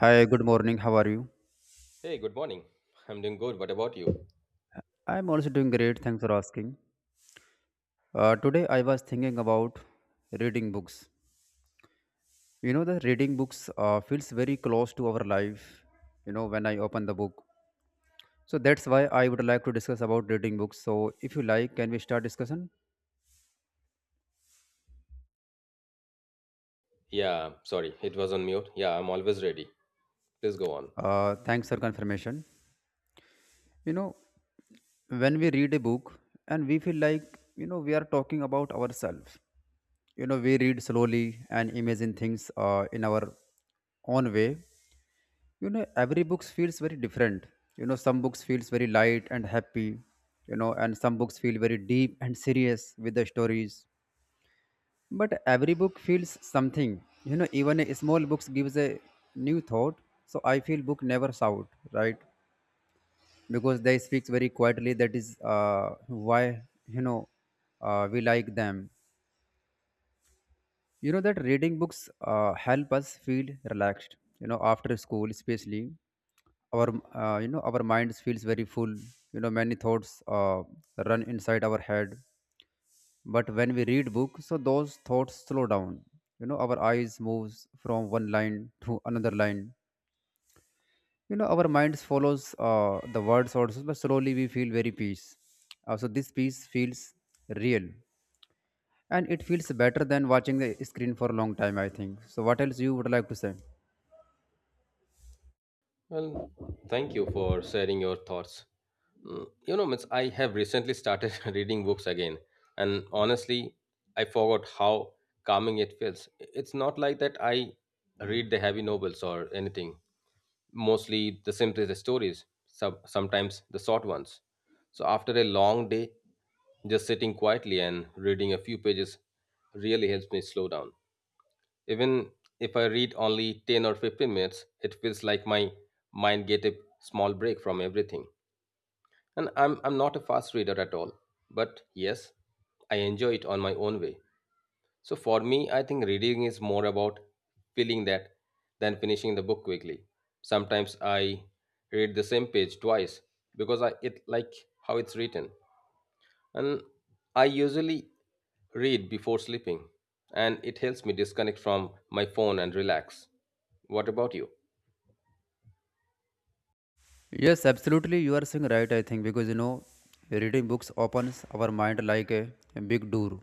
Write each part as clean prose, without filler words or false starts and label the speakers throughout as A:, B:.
A: Hi, good morning. How are you?
B: Hey, good morning. I'm doing good. What about you?
A: I'm also doing great. Thanks for asking. Today I was thinking about reading books. You know, the reading books feels very close to our life, you know, when I open the book. So that's why I would like to discuss about reading books. So if you like, can we start discussion?
B: Yeah, sorry, it was on mute. Yeah, I'm always ready. Please go on.
A: Thanks for confirmation. You know, when we read a book and we feel like, you know, we are talking about ourselves. You know, we read slowly and imagine things in our own way. You know, every books feels very different. You know, some books feels very light and happy. You know, and some books feel very deep and serious with the stories, but every book feels something. You know, even a small books gives a new thought. So I feel book never shout, right? Because they speaks very quietly, that is why, you know, we like them. You know that reading books help us feel relaxed. You know, after school, especially our you know our minds feels very full. You know, many thoughts run inside our head, but when we read book, so those thoughts slow down. You know, our eyes moves from one line to another line. You know, our minds follows the words also, but slowly we feel very peace. So this peace feels real, and it feels better than watching the screen for a long time, I think. So what else you would like to say?
B: Well, thank you for sharing your thoughts. Mm, you know, Mitch, I have recently started reading books again, and honestly, I forgot how calming it feels. It's not like that I read the heavy novels or anything. Mostly the simplest stories, sometimes the short ones. So after a long day, just sitting quietly and reading a few pages really helps me slow down. Even if I read only 10 or 15 minutes, it feels like my mind get a small break from everything. And I'm not a fast reader at all, but yes, I enjoy it on my own way. So for me, I think reading is more about feeling that than finishing the book quickly. Sometimes I read the same page twice because I it like how it's written. And I usually read before sleeping and it helps me disconnect from my phone and relax. What about you?
A: Yes, absolutely, you are saying right. I think because, you know, reading books opens our mind like a big door.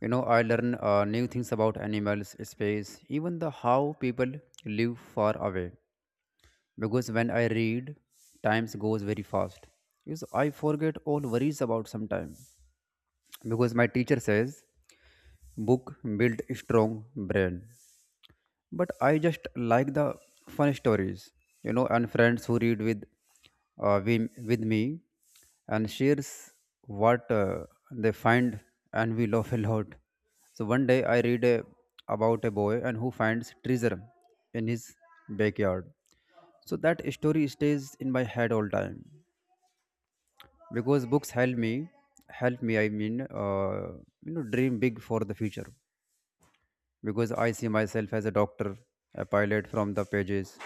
A: You know, I learn new things about animals, space, even the how people live far away. Because when I read, times goes very fast, because I forget all worries about some time, because my teacher says book build strong brain. But I just like the fun stories, you know, and friends who read with with me and shares what they find, and we laugh a lot. So one day I read about a boy and who finds treasure in his backyard. So that story stays in my head all time, because books help me, help me. You know, dream big for the future, because I see myself as a doctor, a pilot from the pages.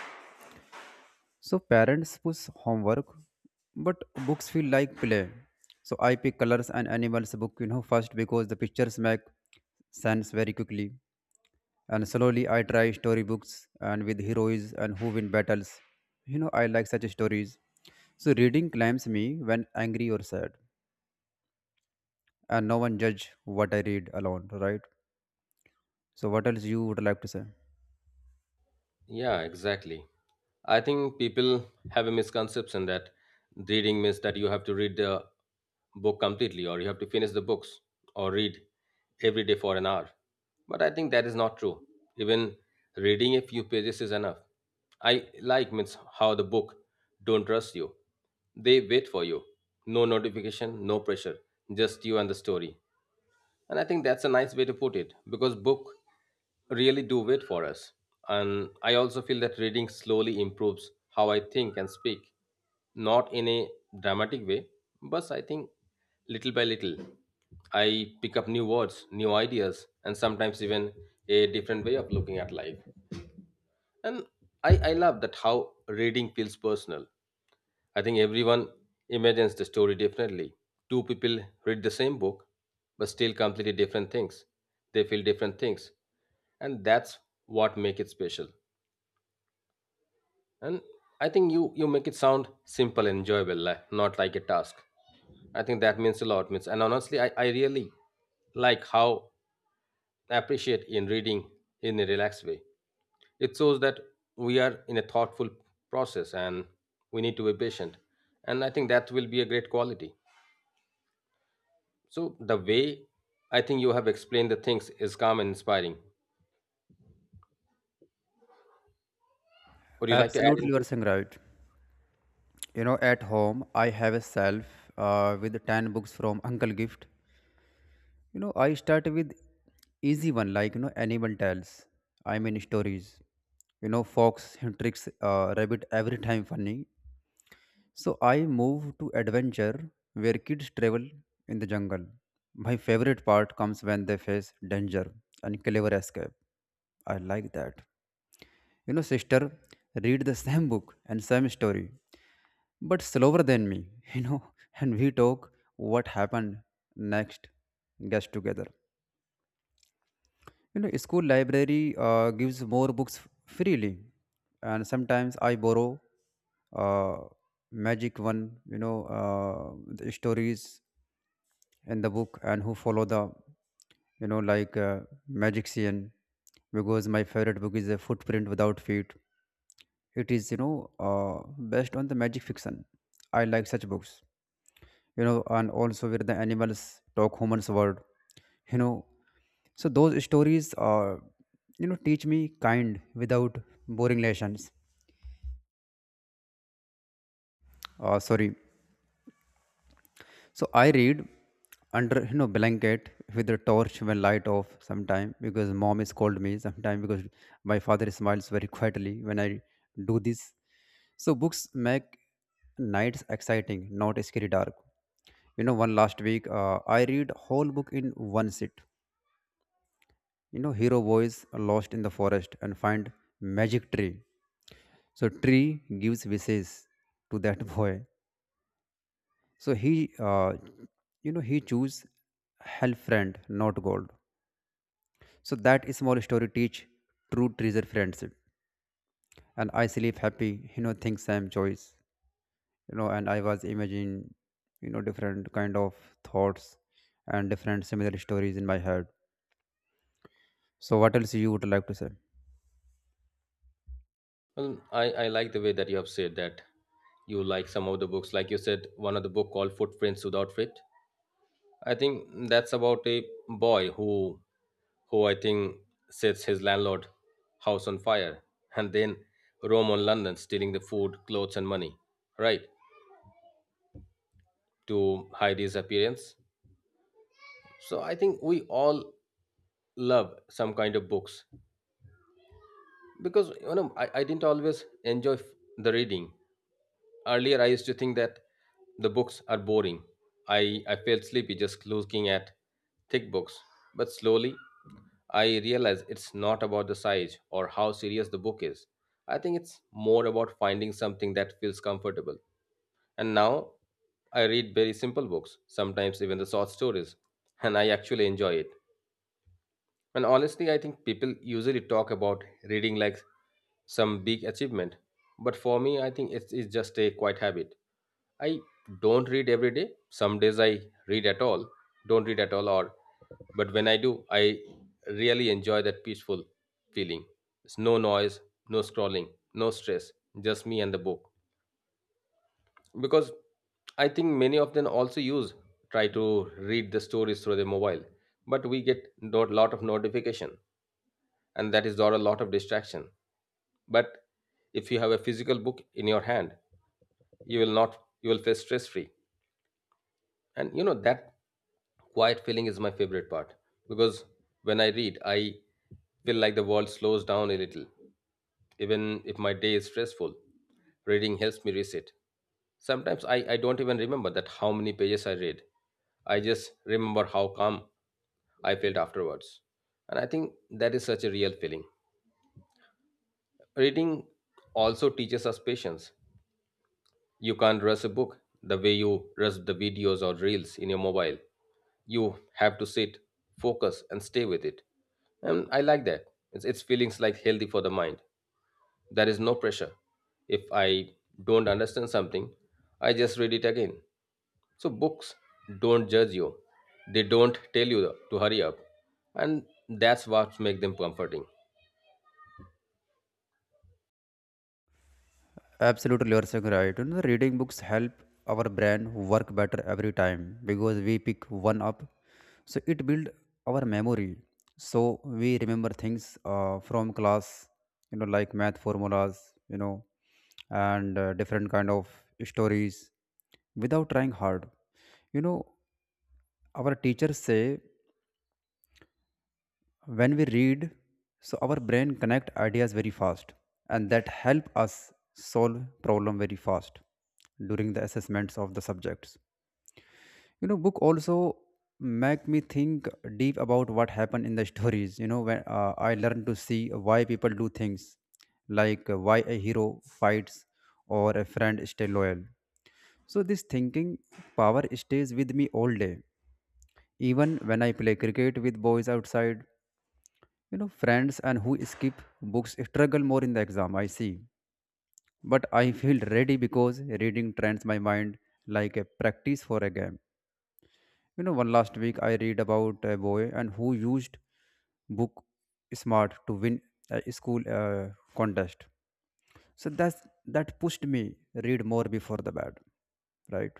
A: So parents push homework, but books feel like play. So I pick colors and animals book, you know, first, because the pictures make sense very quickly. And slowly I try story books and with heroes and who win battles. You know, I like such stories. So reading climbs me when angry or sad. And no one judge what I read alone, right? So what else you would like to say?
B: Yeah, exactly. I think people have a misconception that reading means that you have to read the book completely or you have to finish the books or read every day for an hour. But I think that is not true. Even reading a few pages is enough. I like means how the book don't rush you. They wait for you. No notification, no pressure, just you and the story. And I think that's a nice way to put it because book really do wait for us. And I also feel that reading slowly improves how I think and speak, not in a dramatic way, but I think little by little. I pick up new words, new ideas, and sometimes even a different way of looking at life. And I love that how reading feels personal. I think everyone imagines the story differently. Two people read the same book, but still completely different things. They feel different things, and that's what make it special. And I think you make it sound simple and enjoyable, like, not like a task. I think that means a lot. Means, and honestly, I really like how I appreciate in reading in a relaxed way. It shows that we are in a thoughtful process and we need to be patient. And I think that will be a great quality. So, the way I think you have explained the things is calm and inspiring. Would you like to add
A: Absolutely, you are
B: anything?
A: saying right. You know, at home I have a shelf with 10 books from Uncle Gift. You know, I start with easy one, like, you know, animal tales. I mean stories. You know, fox tricks rabbit every time funny. So I move to adventure where kids travel in the jungle. My favorite part comes when they face danger and clever escape. I like that. You know, sister read the same book and same story, but slower than me, you know, and we talk what happened next, guess together. You know, school library gives more books freely, and sometimes I borrow uh, magic one. You know, the stories in the book and who follow the, you know, like magician, because my favorite book is a footprint without feet. It is, you know, based on the magic fiction. I like such books, you know, and also where the animals talk humans word, you know. So those stories, you know, teach me kind without boring lessons. Sorry. So I read under, you know, blanket with the torch when light off sometime, because mom is called me sometime, because my father smiles very quietly when I do this. So books make nights exciting, not scary dark. You know, one last week I read whole book in one sit. You know, hero boys are lost in the forest and find magic tree. So tree gives wishes to that boy. So he choose help friend, not gold. So that small story teach true treasure friendship. And I sleep happy, you know, think same choice. You know, and I was imagining, you know, different kind of thoughts and different similar stories in my head. So what else you would like to say?
B: Well, I like the way that you have said that you like some of the books. Like you said, one of the book called Footprints Without Feet. I think that's about a boy who I think sets his landlord house on fire and then roam on London stealing the food, clothes and money, right? To hide his appearance. So I think we all love some kind of books because you know I didn't always enjoy the reading. Earlier I used to think that the books are boring. I felt sleepy just looking at thick books. But slowly I realize it's not about the size or how serious the book is. I think it's more about finding something that feels comfortable. And now I read very simple books, sometimes even the short stories, and I actually enjoy it. And honestly, I think people usually talk about reading like some big achievement, but for me, I think it's just a quiet habit. I don't read every day. Some days I read at all, don't read at all, or but when I do, I really enjoy that peaceful feeling. It's no noise, no scrolling, no stress, just me and the book. Because I think many of them also use try to read the stories through their mobile, but we get a lot of notification, and that is not a lot of distraction. But if you have a physical book in your hand, you will not you will feel stress free and you know that quiet feeling is my favorite part because when I read I feel like the world slows down a little. Even if my day is stressful, reading helps me reset. Sometimes I don't even remember that how many pages I read. I just remember how calm I felt afterwards, and I think that is such a real feeling. Reading also teaches us patience. You can't rush a book the way you rush the videos or reels in your mobile. You have to sit, focus, and stay with it. And I like that. It's feelings like healthy for the mind. There is no pressure. If I don't understand something, I just read it again. So books don't judge you. They don't tell you to hurry up. And that's what makes them comforting.
A: Absolutely, you are saying right. You know, reading books help our brain work better every time because we pick one up. So it build our memory. So we remember things from class, you know, like math formulas, you know, and different kind of stories without trying hard. You know, our teachers say when we read, so our brain connect ideas very fast, and that help us solve problem very fast during the assessments of the subjects. You know, book also make me think deep about what happened in the stories. You know, when I learn to see why people do things, like why a hero fights or a friend stay loyal. So this thinking power stays with me all day, even when I play cricket with boys outside. You know, friends and who skip books struggle more in the exam, I see. But I feel ready because reading trains my mind like a practice for a game. You know, one last week I read about a boy and who used book smart to win a school contest. So that pushed me read more before the bed, right?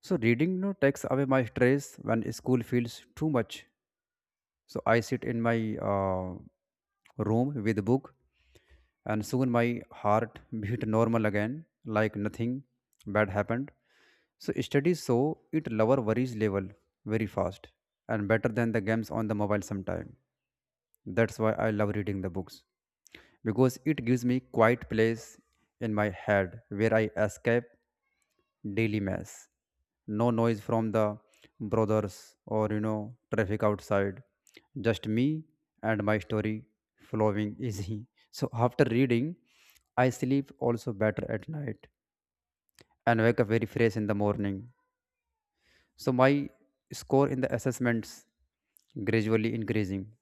A: So reading, you know, takes away my stress when school feels too much. So I sit in my room with a book, and soon my heart beat normal again, like nothing bad happened. So studies show it lower worries level very fast, and better than the games on the mobile sometime. That's why I love reading the books, because it gives me quiet place in my head where I escape daily mess. No noise from the brothers or, you know, traffic outside. Just me and my story flowing easy. So after reading, I sleep also better at night and wake up very fresh in the morning. So my score in the assessments gradually increasing.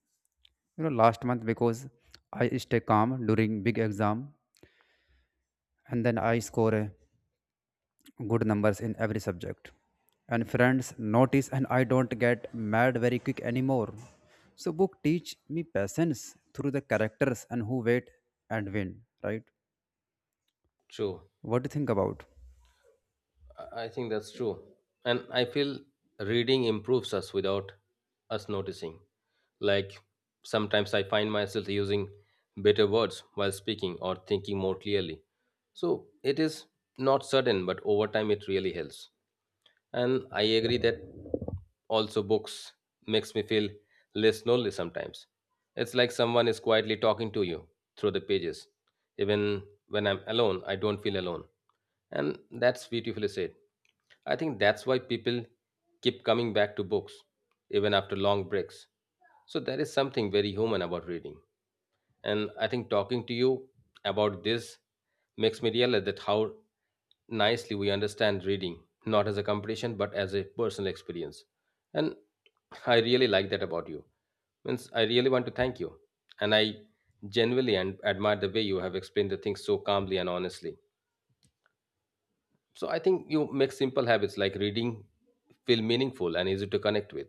A: You know, last month, because I stay calm during big exam, and then I score good numbers in every subject. And friends notice, and I don't get mad very quick anymore. So book teach me patience through the characters and who wait and win, right?
B: True.
A: What do you think about?
B: I think that's true. And I feel reading improves us without us noticing. Like sometimes I find myself using better words while speaking or thinking more clearly. So it is not sudden, but over time it really helps. And I agree that also books makes me feel less lonely sometimes. It's like someone is quietly talking to you through the pages. Even when I'm alone, I don't feel alone. And that's beautifully said. I think that's why people keep coming back to books even after long breaks. So there is something very human about reading. And I think talking to you about this makes me realize that how nicely we understand reading, not as a competition, but as a personal experience. And I really like that about you. Means I really want to thank you. And I genuinely and admire the way you have explained the things so calmly and honestly. So I think you make simple habits like reading feel meaningful and easy to connect with.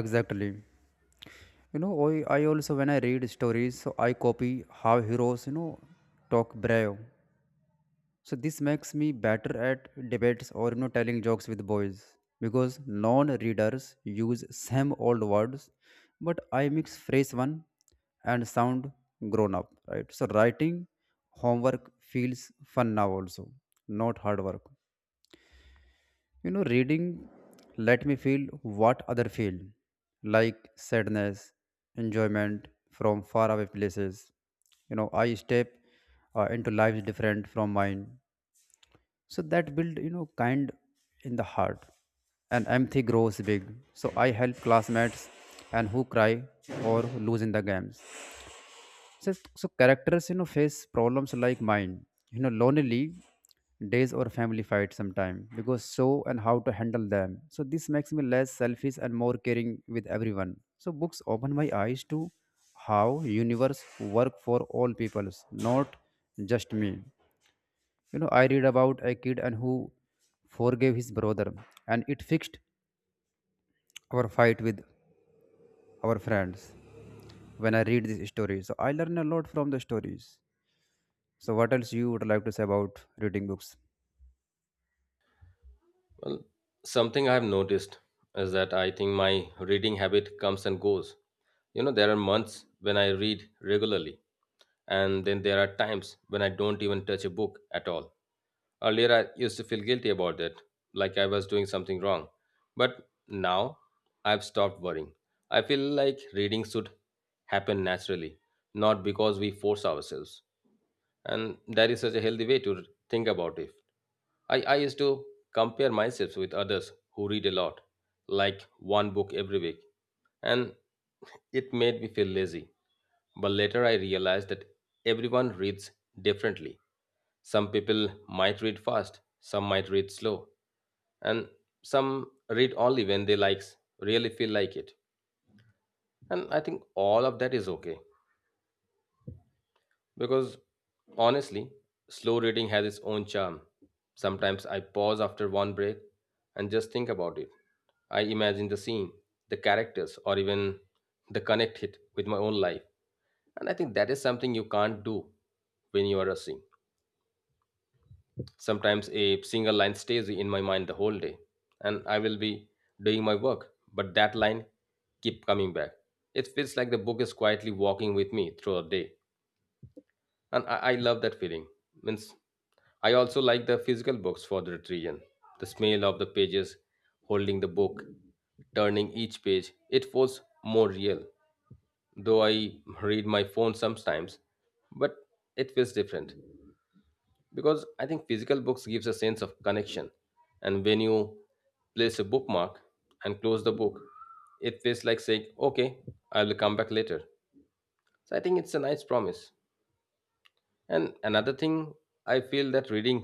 A: Exactly. You know, I also when I read stories, so I copy how heroes, you know, talk brave. So this makes me better at debates or, you know, telling jokes with boys, because non-readers use same old words, but I mix phrase one and sound grown up, right? So writing homework feels fun now also, not hard work. You know, reading let me feel what other feel, like sadness, enjoyment from far away places. You know, I step into lives different from mine, so that build, you know, kind in the heart, and empathy grows big. So I help classmates and who cry or who lose in the games. So characters, you know, face problems like mine, you know, lonely days or family fight sometime, because so and how to handle them. So this makes me less selfish and more caring with everyone. So books open my eyes to how universe work for all peoples, not just me. You know, I read about a kid and who forgave his brother, and it fixed our fight with our friends. When I read these stories, so I learn a lot from the stories. So what else you would like to say about reading books?
B: Well, something I've noticed is that I think my reading habit comes and goes. You know, there are months when I read regularly, and then there are times when I don't even touch a book at all. Earlier, I used to feel guilty about that, like I was doing something wrong. But now, I've stopped worrying. I feel like reading should happen naturally, not because we force ourselves. And that is such a healthy way to think about it. I used to compare myself with others who read a lot, like one book every week, and it made me feel lazy. But later I realized that everyone reads differently. Some people might read fast, some might read slow, and some read only when they likes really feel like it. And I think all of that is okay. Because honestly, slow reading has its own charm. Sometimes I pause after one break and just think about it. I imagine the scene, the characters, or even the connect it with my own life. And I think that is something you can't do when you are rushing. Sometimes a single line stays in my mind the whole day, and I will be doing my work, but that line keep coming back. It feels like the book is quietly walking with me through a day. And I love that feeling. Means I also like the physical books for the retrieve, the smell of the pages, holding the book, turning each page. It feels more real, though I read my phone sometimes, but it feels different. Because I think physical books gives a sense of connection, and when you place a bookmark and close the book, it feels like saying okay, I will come back later. So I think it's a nice promise. And another thing, I feel that reading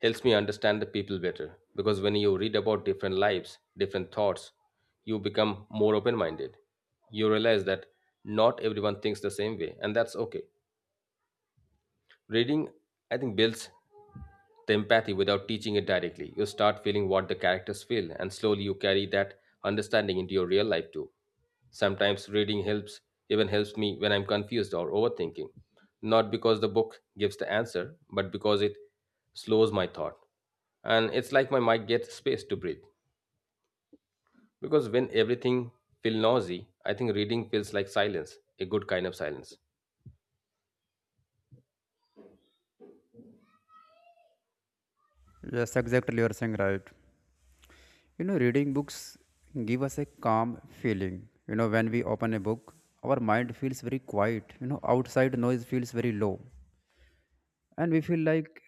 B: helps me understand the people better because when you read about different lives, different thoughts, you become more open minded. You realize that not everyone thinks the same way, and that's okay. Reading, I think, builds the empathy without teaching it directly. You start feeling what the characters feel, and slowly you carry that understanding into your real life too. Sometimes even helps me when I'm confused or overthinking. Not because the book gives the answer, but because it slows my thought. And it's like my mind gets space to breathe. Because when everything feels noisy, I think reading feels like silence, a good kind of silence.
A: Yes, exactly, you're saying right. You know, reading books give us a calm feeling. You know, when we open a book, our mind feels very quiet. You know, outside noise feels very low, and we feel like,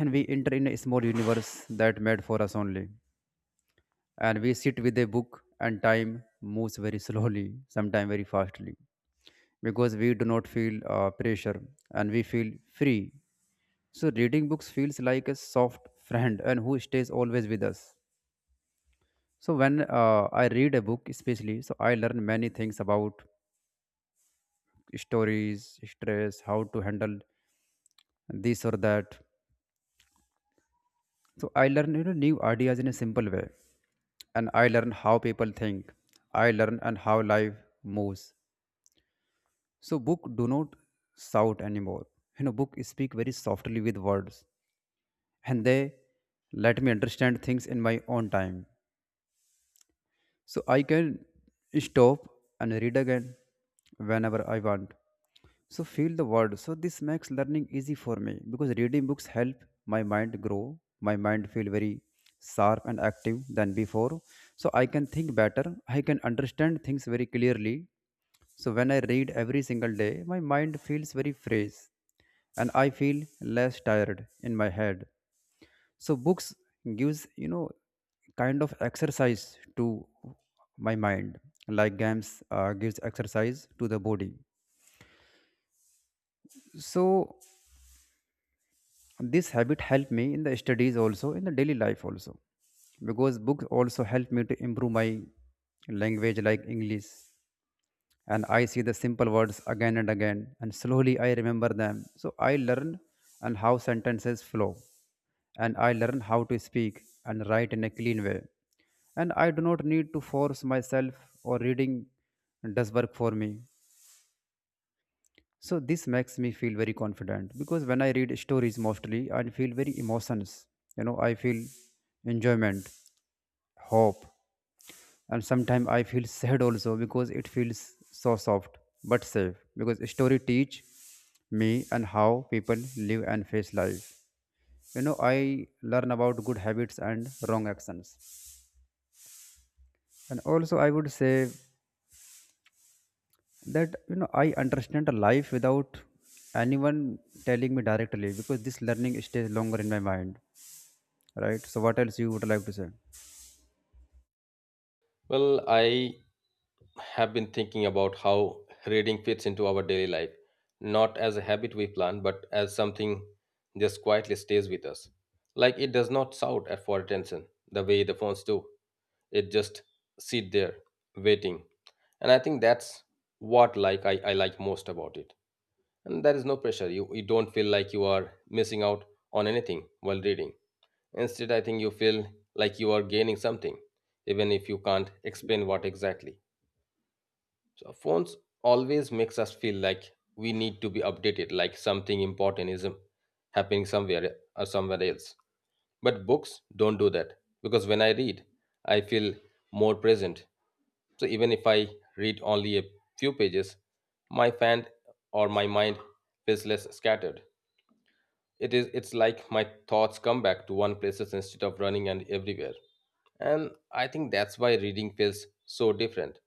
A: and we enter in a small universe that made for us only. And we sit with a book, and time moves very slowly, sometimes very fastly, because we do not feel pressure, and we feel free. So reading books feels like a soft friend and who stays always with us. So when I read a book especially, so I learn many things about stories, stress, how to handle this or that. So I learn, you know, new ideas in a simple way, and I learn how people think. I learn and how life moves. So book do not shout anymore. You know, book speak very softly with words, and they let me understand things in my own time. So I can stop and read again whenever I want. So feel the word. So this makes learning easy for me because reading books help my mind grow, my mind feel very sharp and active than before. So I can think better, I can understand things very clearly. So when I read every single day, my mind feels very fresh and I feel less tired in my head. So books gives, kind of exercise to my mind like games gives exercise to the body. So this habit helped me in the studies also in the daily life also because books also help me to improve my language like English, and I see the simple words again and again, and slowly I remember them. So I learn and how sentences flow, and I learn how to speak and write in a clean way. And I do not need to force myself or reading does work for me. So this makes me feel very confident because when I read stories mostly, I feel very emotions. You know, I feel enjoyment, hope, and sometimes I feel sad also because it feels so soft but safe. Because story teach me and how people live and face life. You know, I learn about good habits and wrong actions. And also, I would say that I understand a life without anyone telling me directly because this learning stays longer in my mind. Right, so what else you would like to say?
B: Well, I have been thinking about how reading fits into our daily life, not as a habit we plan, but as something just quietly stays with us. Like it does not shout at for attention the way the phones do. It just sit there waiting. And I think that's what like I like most about it. And there is no pressure. You don't feel like you are missing out on anything while reading. Instead, I think you feel like you are gaining something, even if you can't explain what exactly. So phones always makes us feel like we need to be updated, like something important is happening somewhere or somewhere else. But books don't do that because when I read, I feel more present. So even if I read only a few pages, my fan or my mind feels less scattered. It's like my thoughts come back to one places instead of running and everywhere. And I think that's why reading feels so different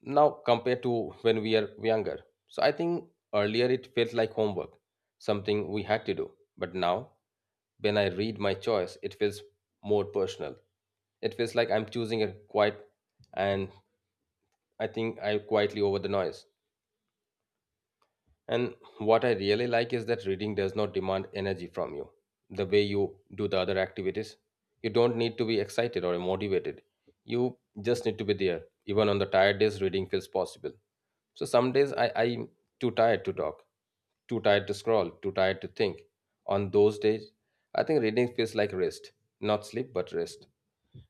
B: now compared to when we are younger. So I think earlier it felt like homework, something we had to do. But now, when I read my choice, it feels more personal. It feels like I'm choosing a quiet, and I think I quietly over the noise. And what I really like is that reading does not demand energy from you the way you do the other activities. You don't need to be excited or motivated. You just need to be there. Even on the tired days, reading feels possible. So some days I'm too tired to talk, too tired to scroll, too tired to think. On those days, I think reading feels like rest, not sleep, but rest.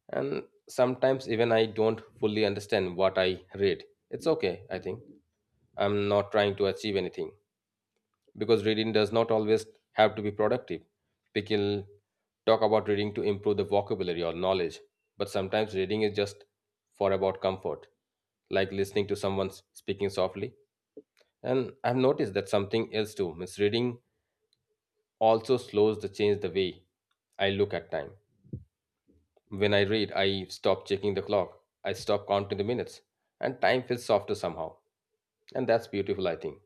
B: And sometimes even I don't fully understand what I read. It's okay, I think. I'm not trying to achieve anything because reading does not always have to be productive. We People talk about reading to improve the vocabulary or knowledge, but sometimes reading is just for about comfort, like listening to someone speaking softly. And I've noticed that something else too. Means reading also slows the change the way I look at time. When I read, I stop checking the clock. I stop counting the minutes, and time feels softer somehow. And that's beautiful, I think.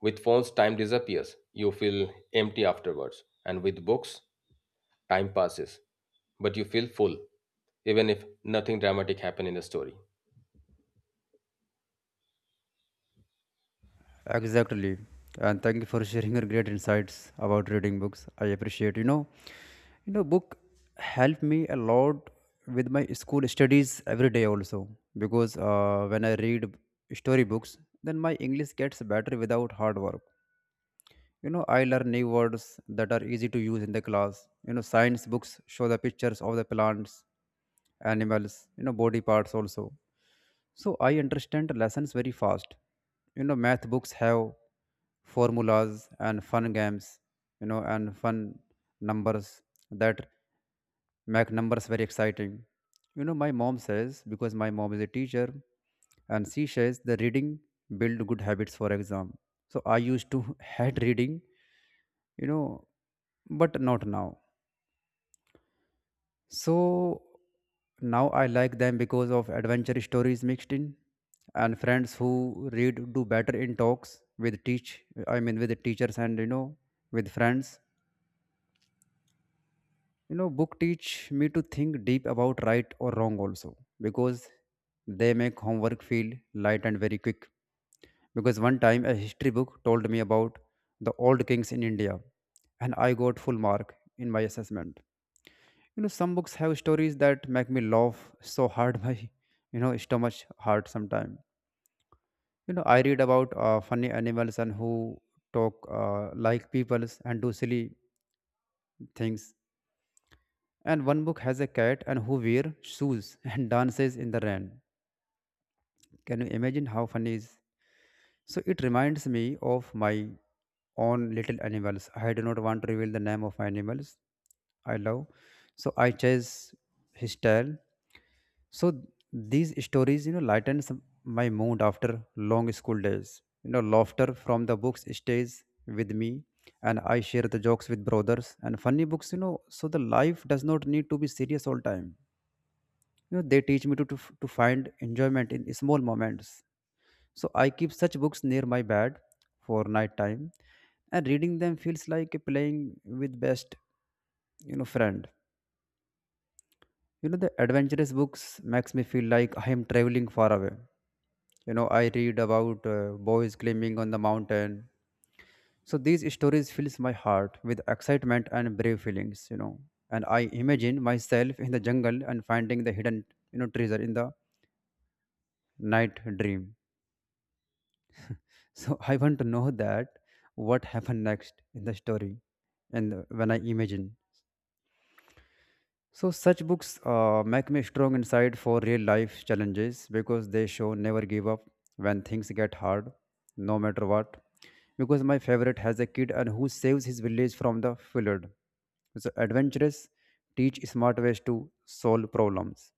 B: With phones, time disappears. You feel empty afterwards. And with books, time passes, but you feel full, even if nothing dramatic happened in the story.
A: Exactly, and thank you for sharing your great insights about reading books. I appreciate, book helped me a lot with my school studies every day also, because when I read story books, then my English gets better without hard work. You know, I learn new words that are easy to use in the class. You know, science books show the pictures of the plants, animals, you know, body parts also, so I understand lessons very fast. You know, math books have formulas and fun games, you know, and fun numbers that make numbers very exciting. You know, my mom says, because my mom is a teacher, and she says the reading build good habits for exam. So I used to hate reading, you know, but not now. So now I like them because of adventure stories mixed in, and friends who read do better in talks with teach, I mean with the teachers, and you know, with friends. You know, book teach me to think deep about right or wrong also, because they make homework feel light and very quick. Because one time a history book told me about the old kings in India, and I got full mark in my assessment. You know, some books have stories that make me laugh so hard my, you know, stomach hurt sometimes. You know, I read about funny animals and who talk like peoples and do silly things. And one book has a cat and who wear shoes and dances in the rain. Can you imagine how funny is? So it reminds me of my own little animals. I do not want to reveal the name of my animals I love. So I chase his tail. So these stories, you know, lightens my mood after long school days. You know, laughter from the books stays with me, and I share the jokes with brothers and funny books. You know, so the life does not need to be serious all time. You know, they teach me to find enjoyment in small moments. So I keep such books near my bed for night time, and reading them feels like playing with best, you know, friend. You know, the adventurous books makes me feel like I am traveling far away. You know, I read about boys climbing on the mountain. So these stories fills my heart with excitement and brave feelings, you know. And I imagine myself in the jungle and finding the hidden, you know, treasure in the night dream. So I want to know that what happened next in the story. And when I imagine. So such books make me strong inside for real life challenges, because they show never give up when things get hard, no matter what. Because my favorite has a kid and who saves his village from the flood. So, adventurous teach smart ways to solve problems.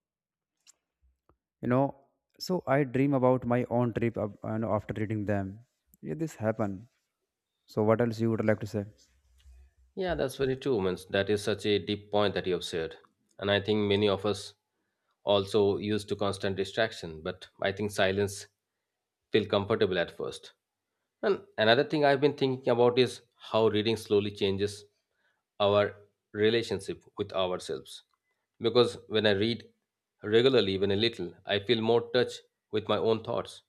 A: You know, so I dream about my own trip up, and after reading them. Yeah, this happen. So, what else you would like to say?
B: Yeah, that's very true. Means that is such a deep point that you have shared. And I think many of us also used to constant distraction, but I think silence feel comfortable at first. And another thing I've been thinking about is how reading slowly changes our relationship with ourselves. Because when I read regularly, even a little, I feel more touch with my own thoughts.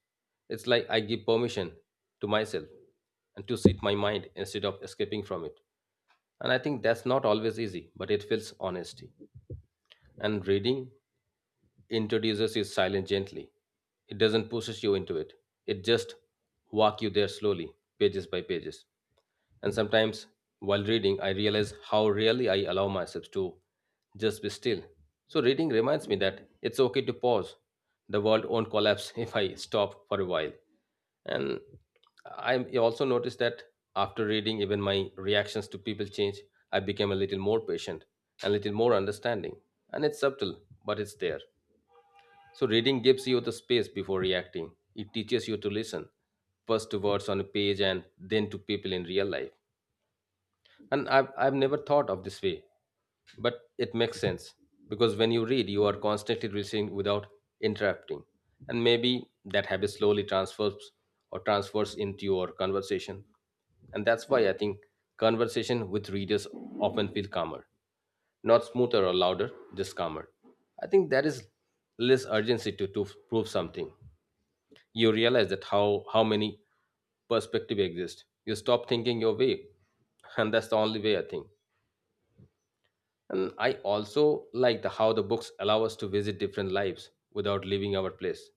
B: It's like I give permission to myself and to sit my mind instead of escaping from it. And I think that's not always easy, but it feels honesty. And reading introduces is silent gently. It doesn't pushes you into it. It just walk you there slowly, pages by pages. And sometimes while reading, I realize how rarely I allow myself to just be still. So reading reminds me that it's okay to pause. The world won't collapse if I stop for a while. And I also noticed that after reading, even my reactions to people change. I became a little more patient, a little more understanding. And it's subtle, but it's there. So, reading gives you the space before reacting. It teaches you to listen, first to words on a page and then to people in real life. And I've never thought of this way. But it makes sense because when you read, you are constantly listening without interrupting. And maybe that habit slowly transfers or transfers into your conversation. And that's why I think conversation with readers often feel calmer, not smoother or louder, just calmer. I think that is less urgency to prove something. You realize that how many perspectives exist. You stop thinking your way. And that's the only way I think. And I also like the how the books allow us to visit different lives without leaving our place.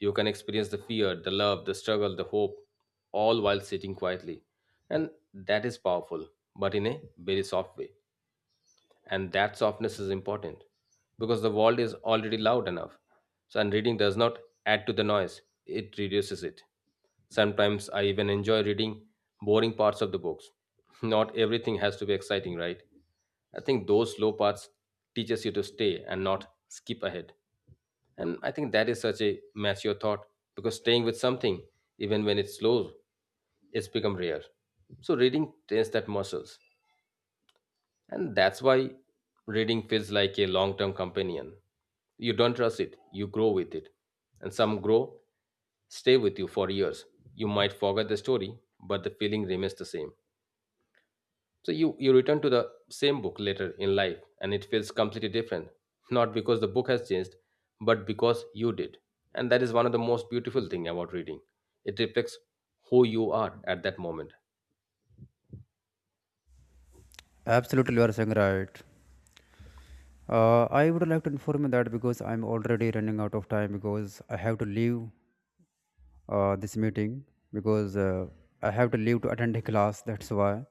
B: You can experience the fear, the love, the struggle, the hope, all while sitting quietly. And that is powerful, but in a very soft way, and that softness is important because the world is already loud enough, so and reading does not add to the noise, it reduces it. Sometimes I even enjoy reading boring parts of the books. Not everything has to be exciting, right? I think those slow parts teaches you to stay and not skip ahead. And I think that is such a mature thought because staying with something, even when it's slow, it's become rare. So reading trains that muscles, and that's why reading feels like a long term companion. You don't trust it, you grow with it. And some grow, stay with you for years. You might forget the story, but the feeling remains the same. So you return to the same book later in life and it feels completely different. Not because the book has changed, but because you did. And that is one of the most beautiful thing about reading. It reflects who you are at that moment.
A: Absolutely, you are saying right. I would like to inform you that because I'm already running out of time because I have to leave this meeting because I have to leave to attend a class. That's why.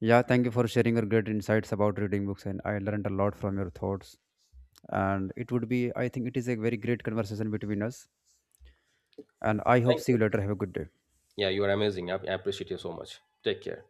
A: Yeah, thank you for sharing your great insights about reading books, and I learned a lot from your thoughts. And it would be, I think, it is a very great conversation between us. And I hope
B: Thank
A: see
B: you.
A: you later. Have a good day.
B: Yeah, you are amazing. I appreciate you so much. Take care.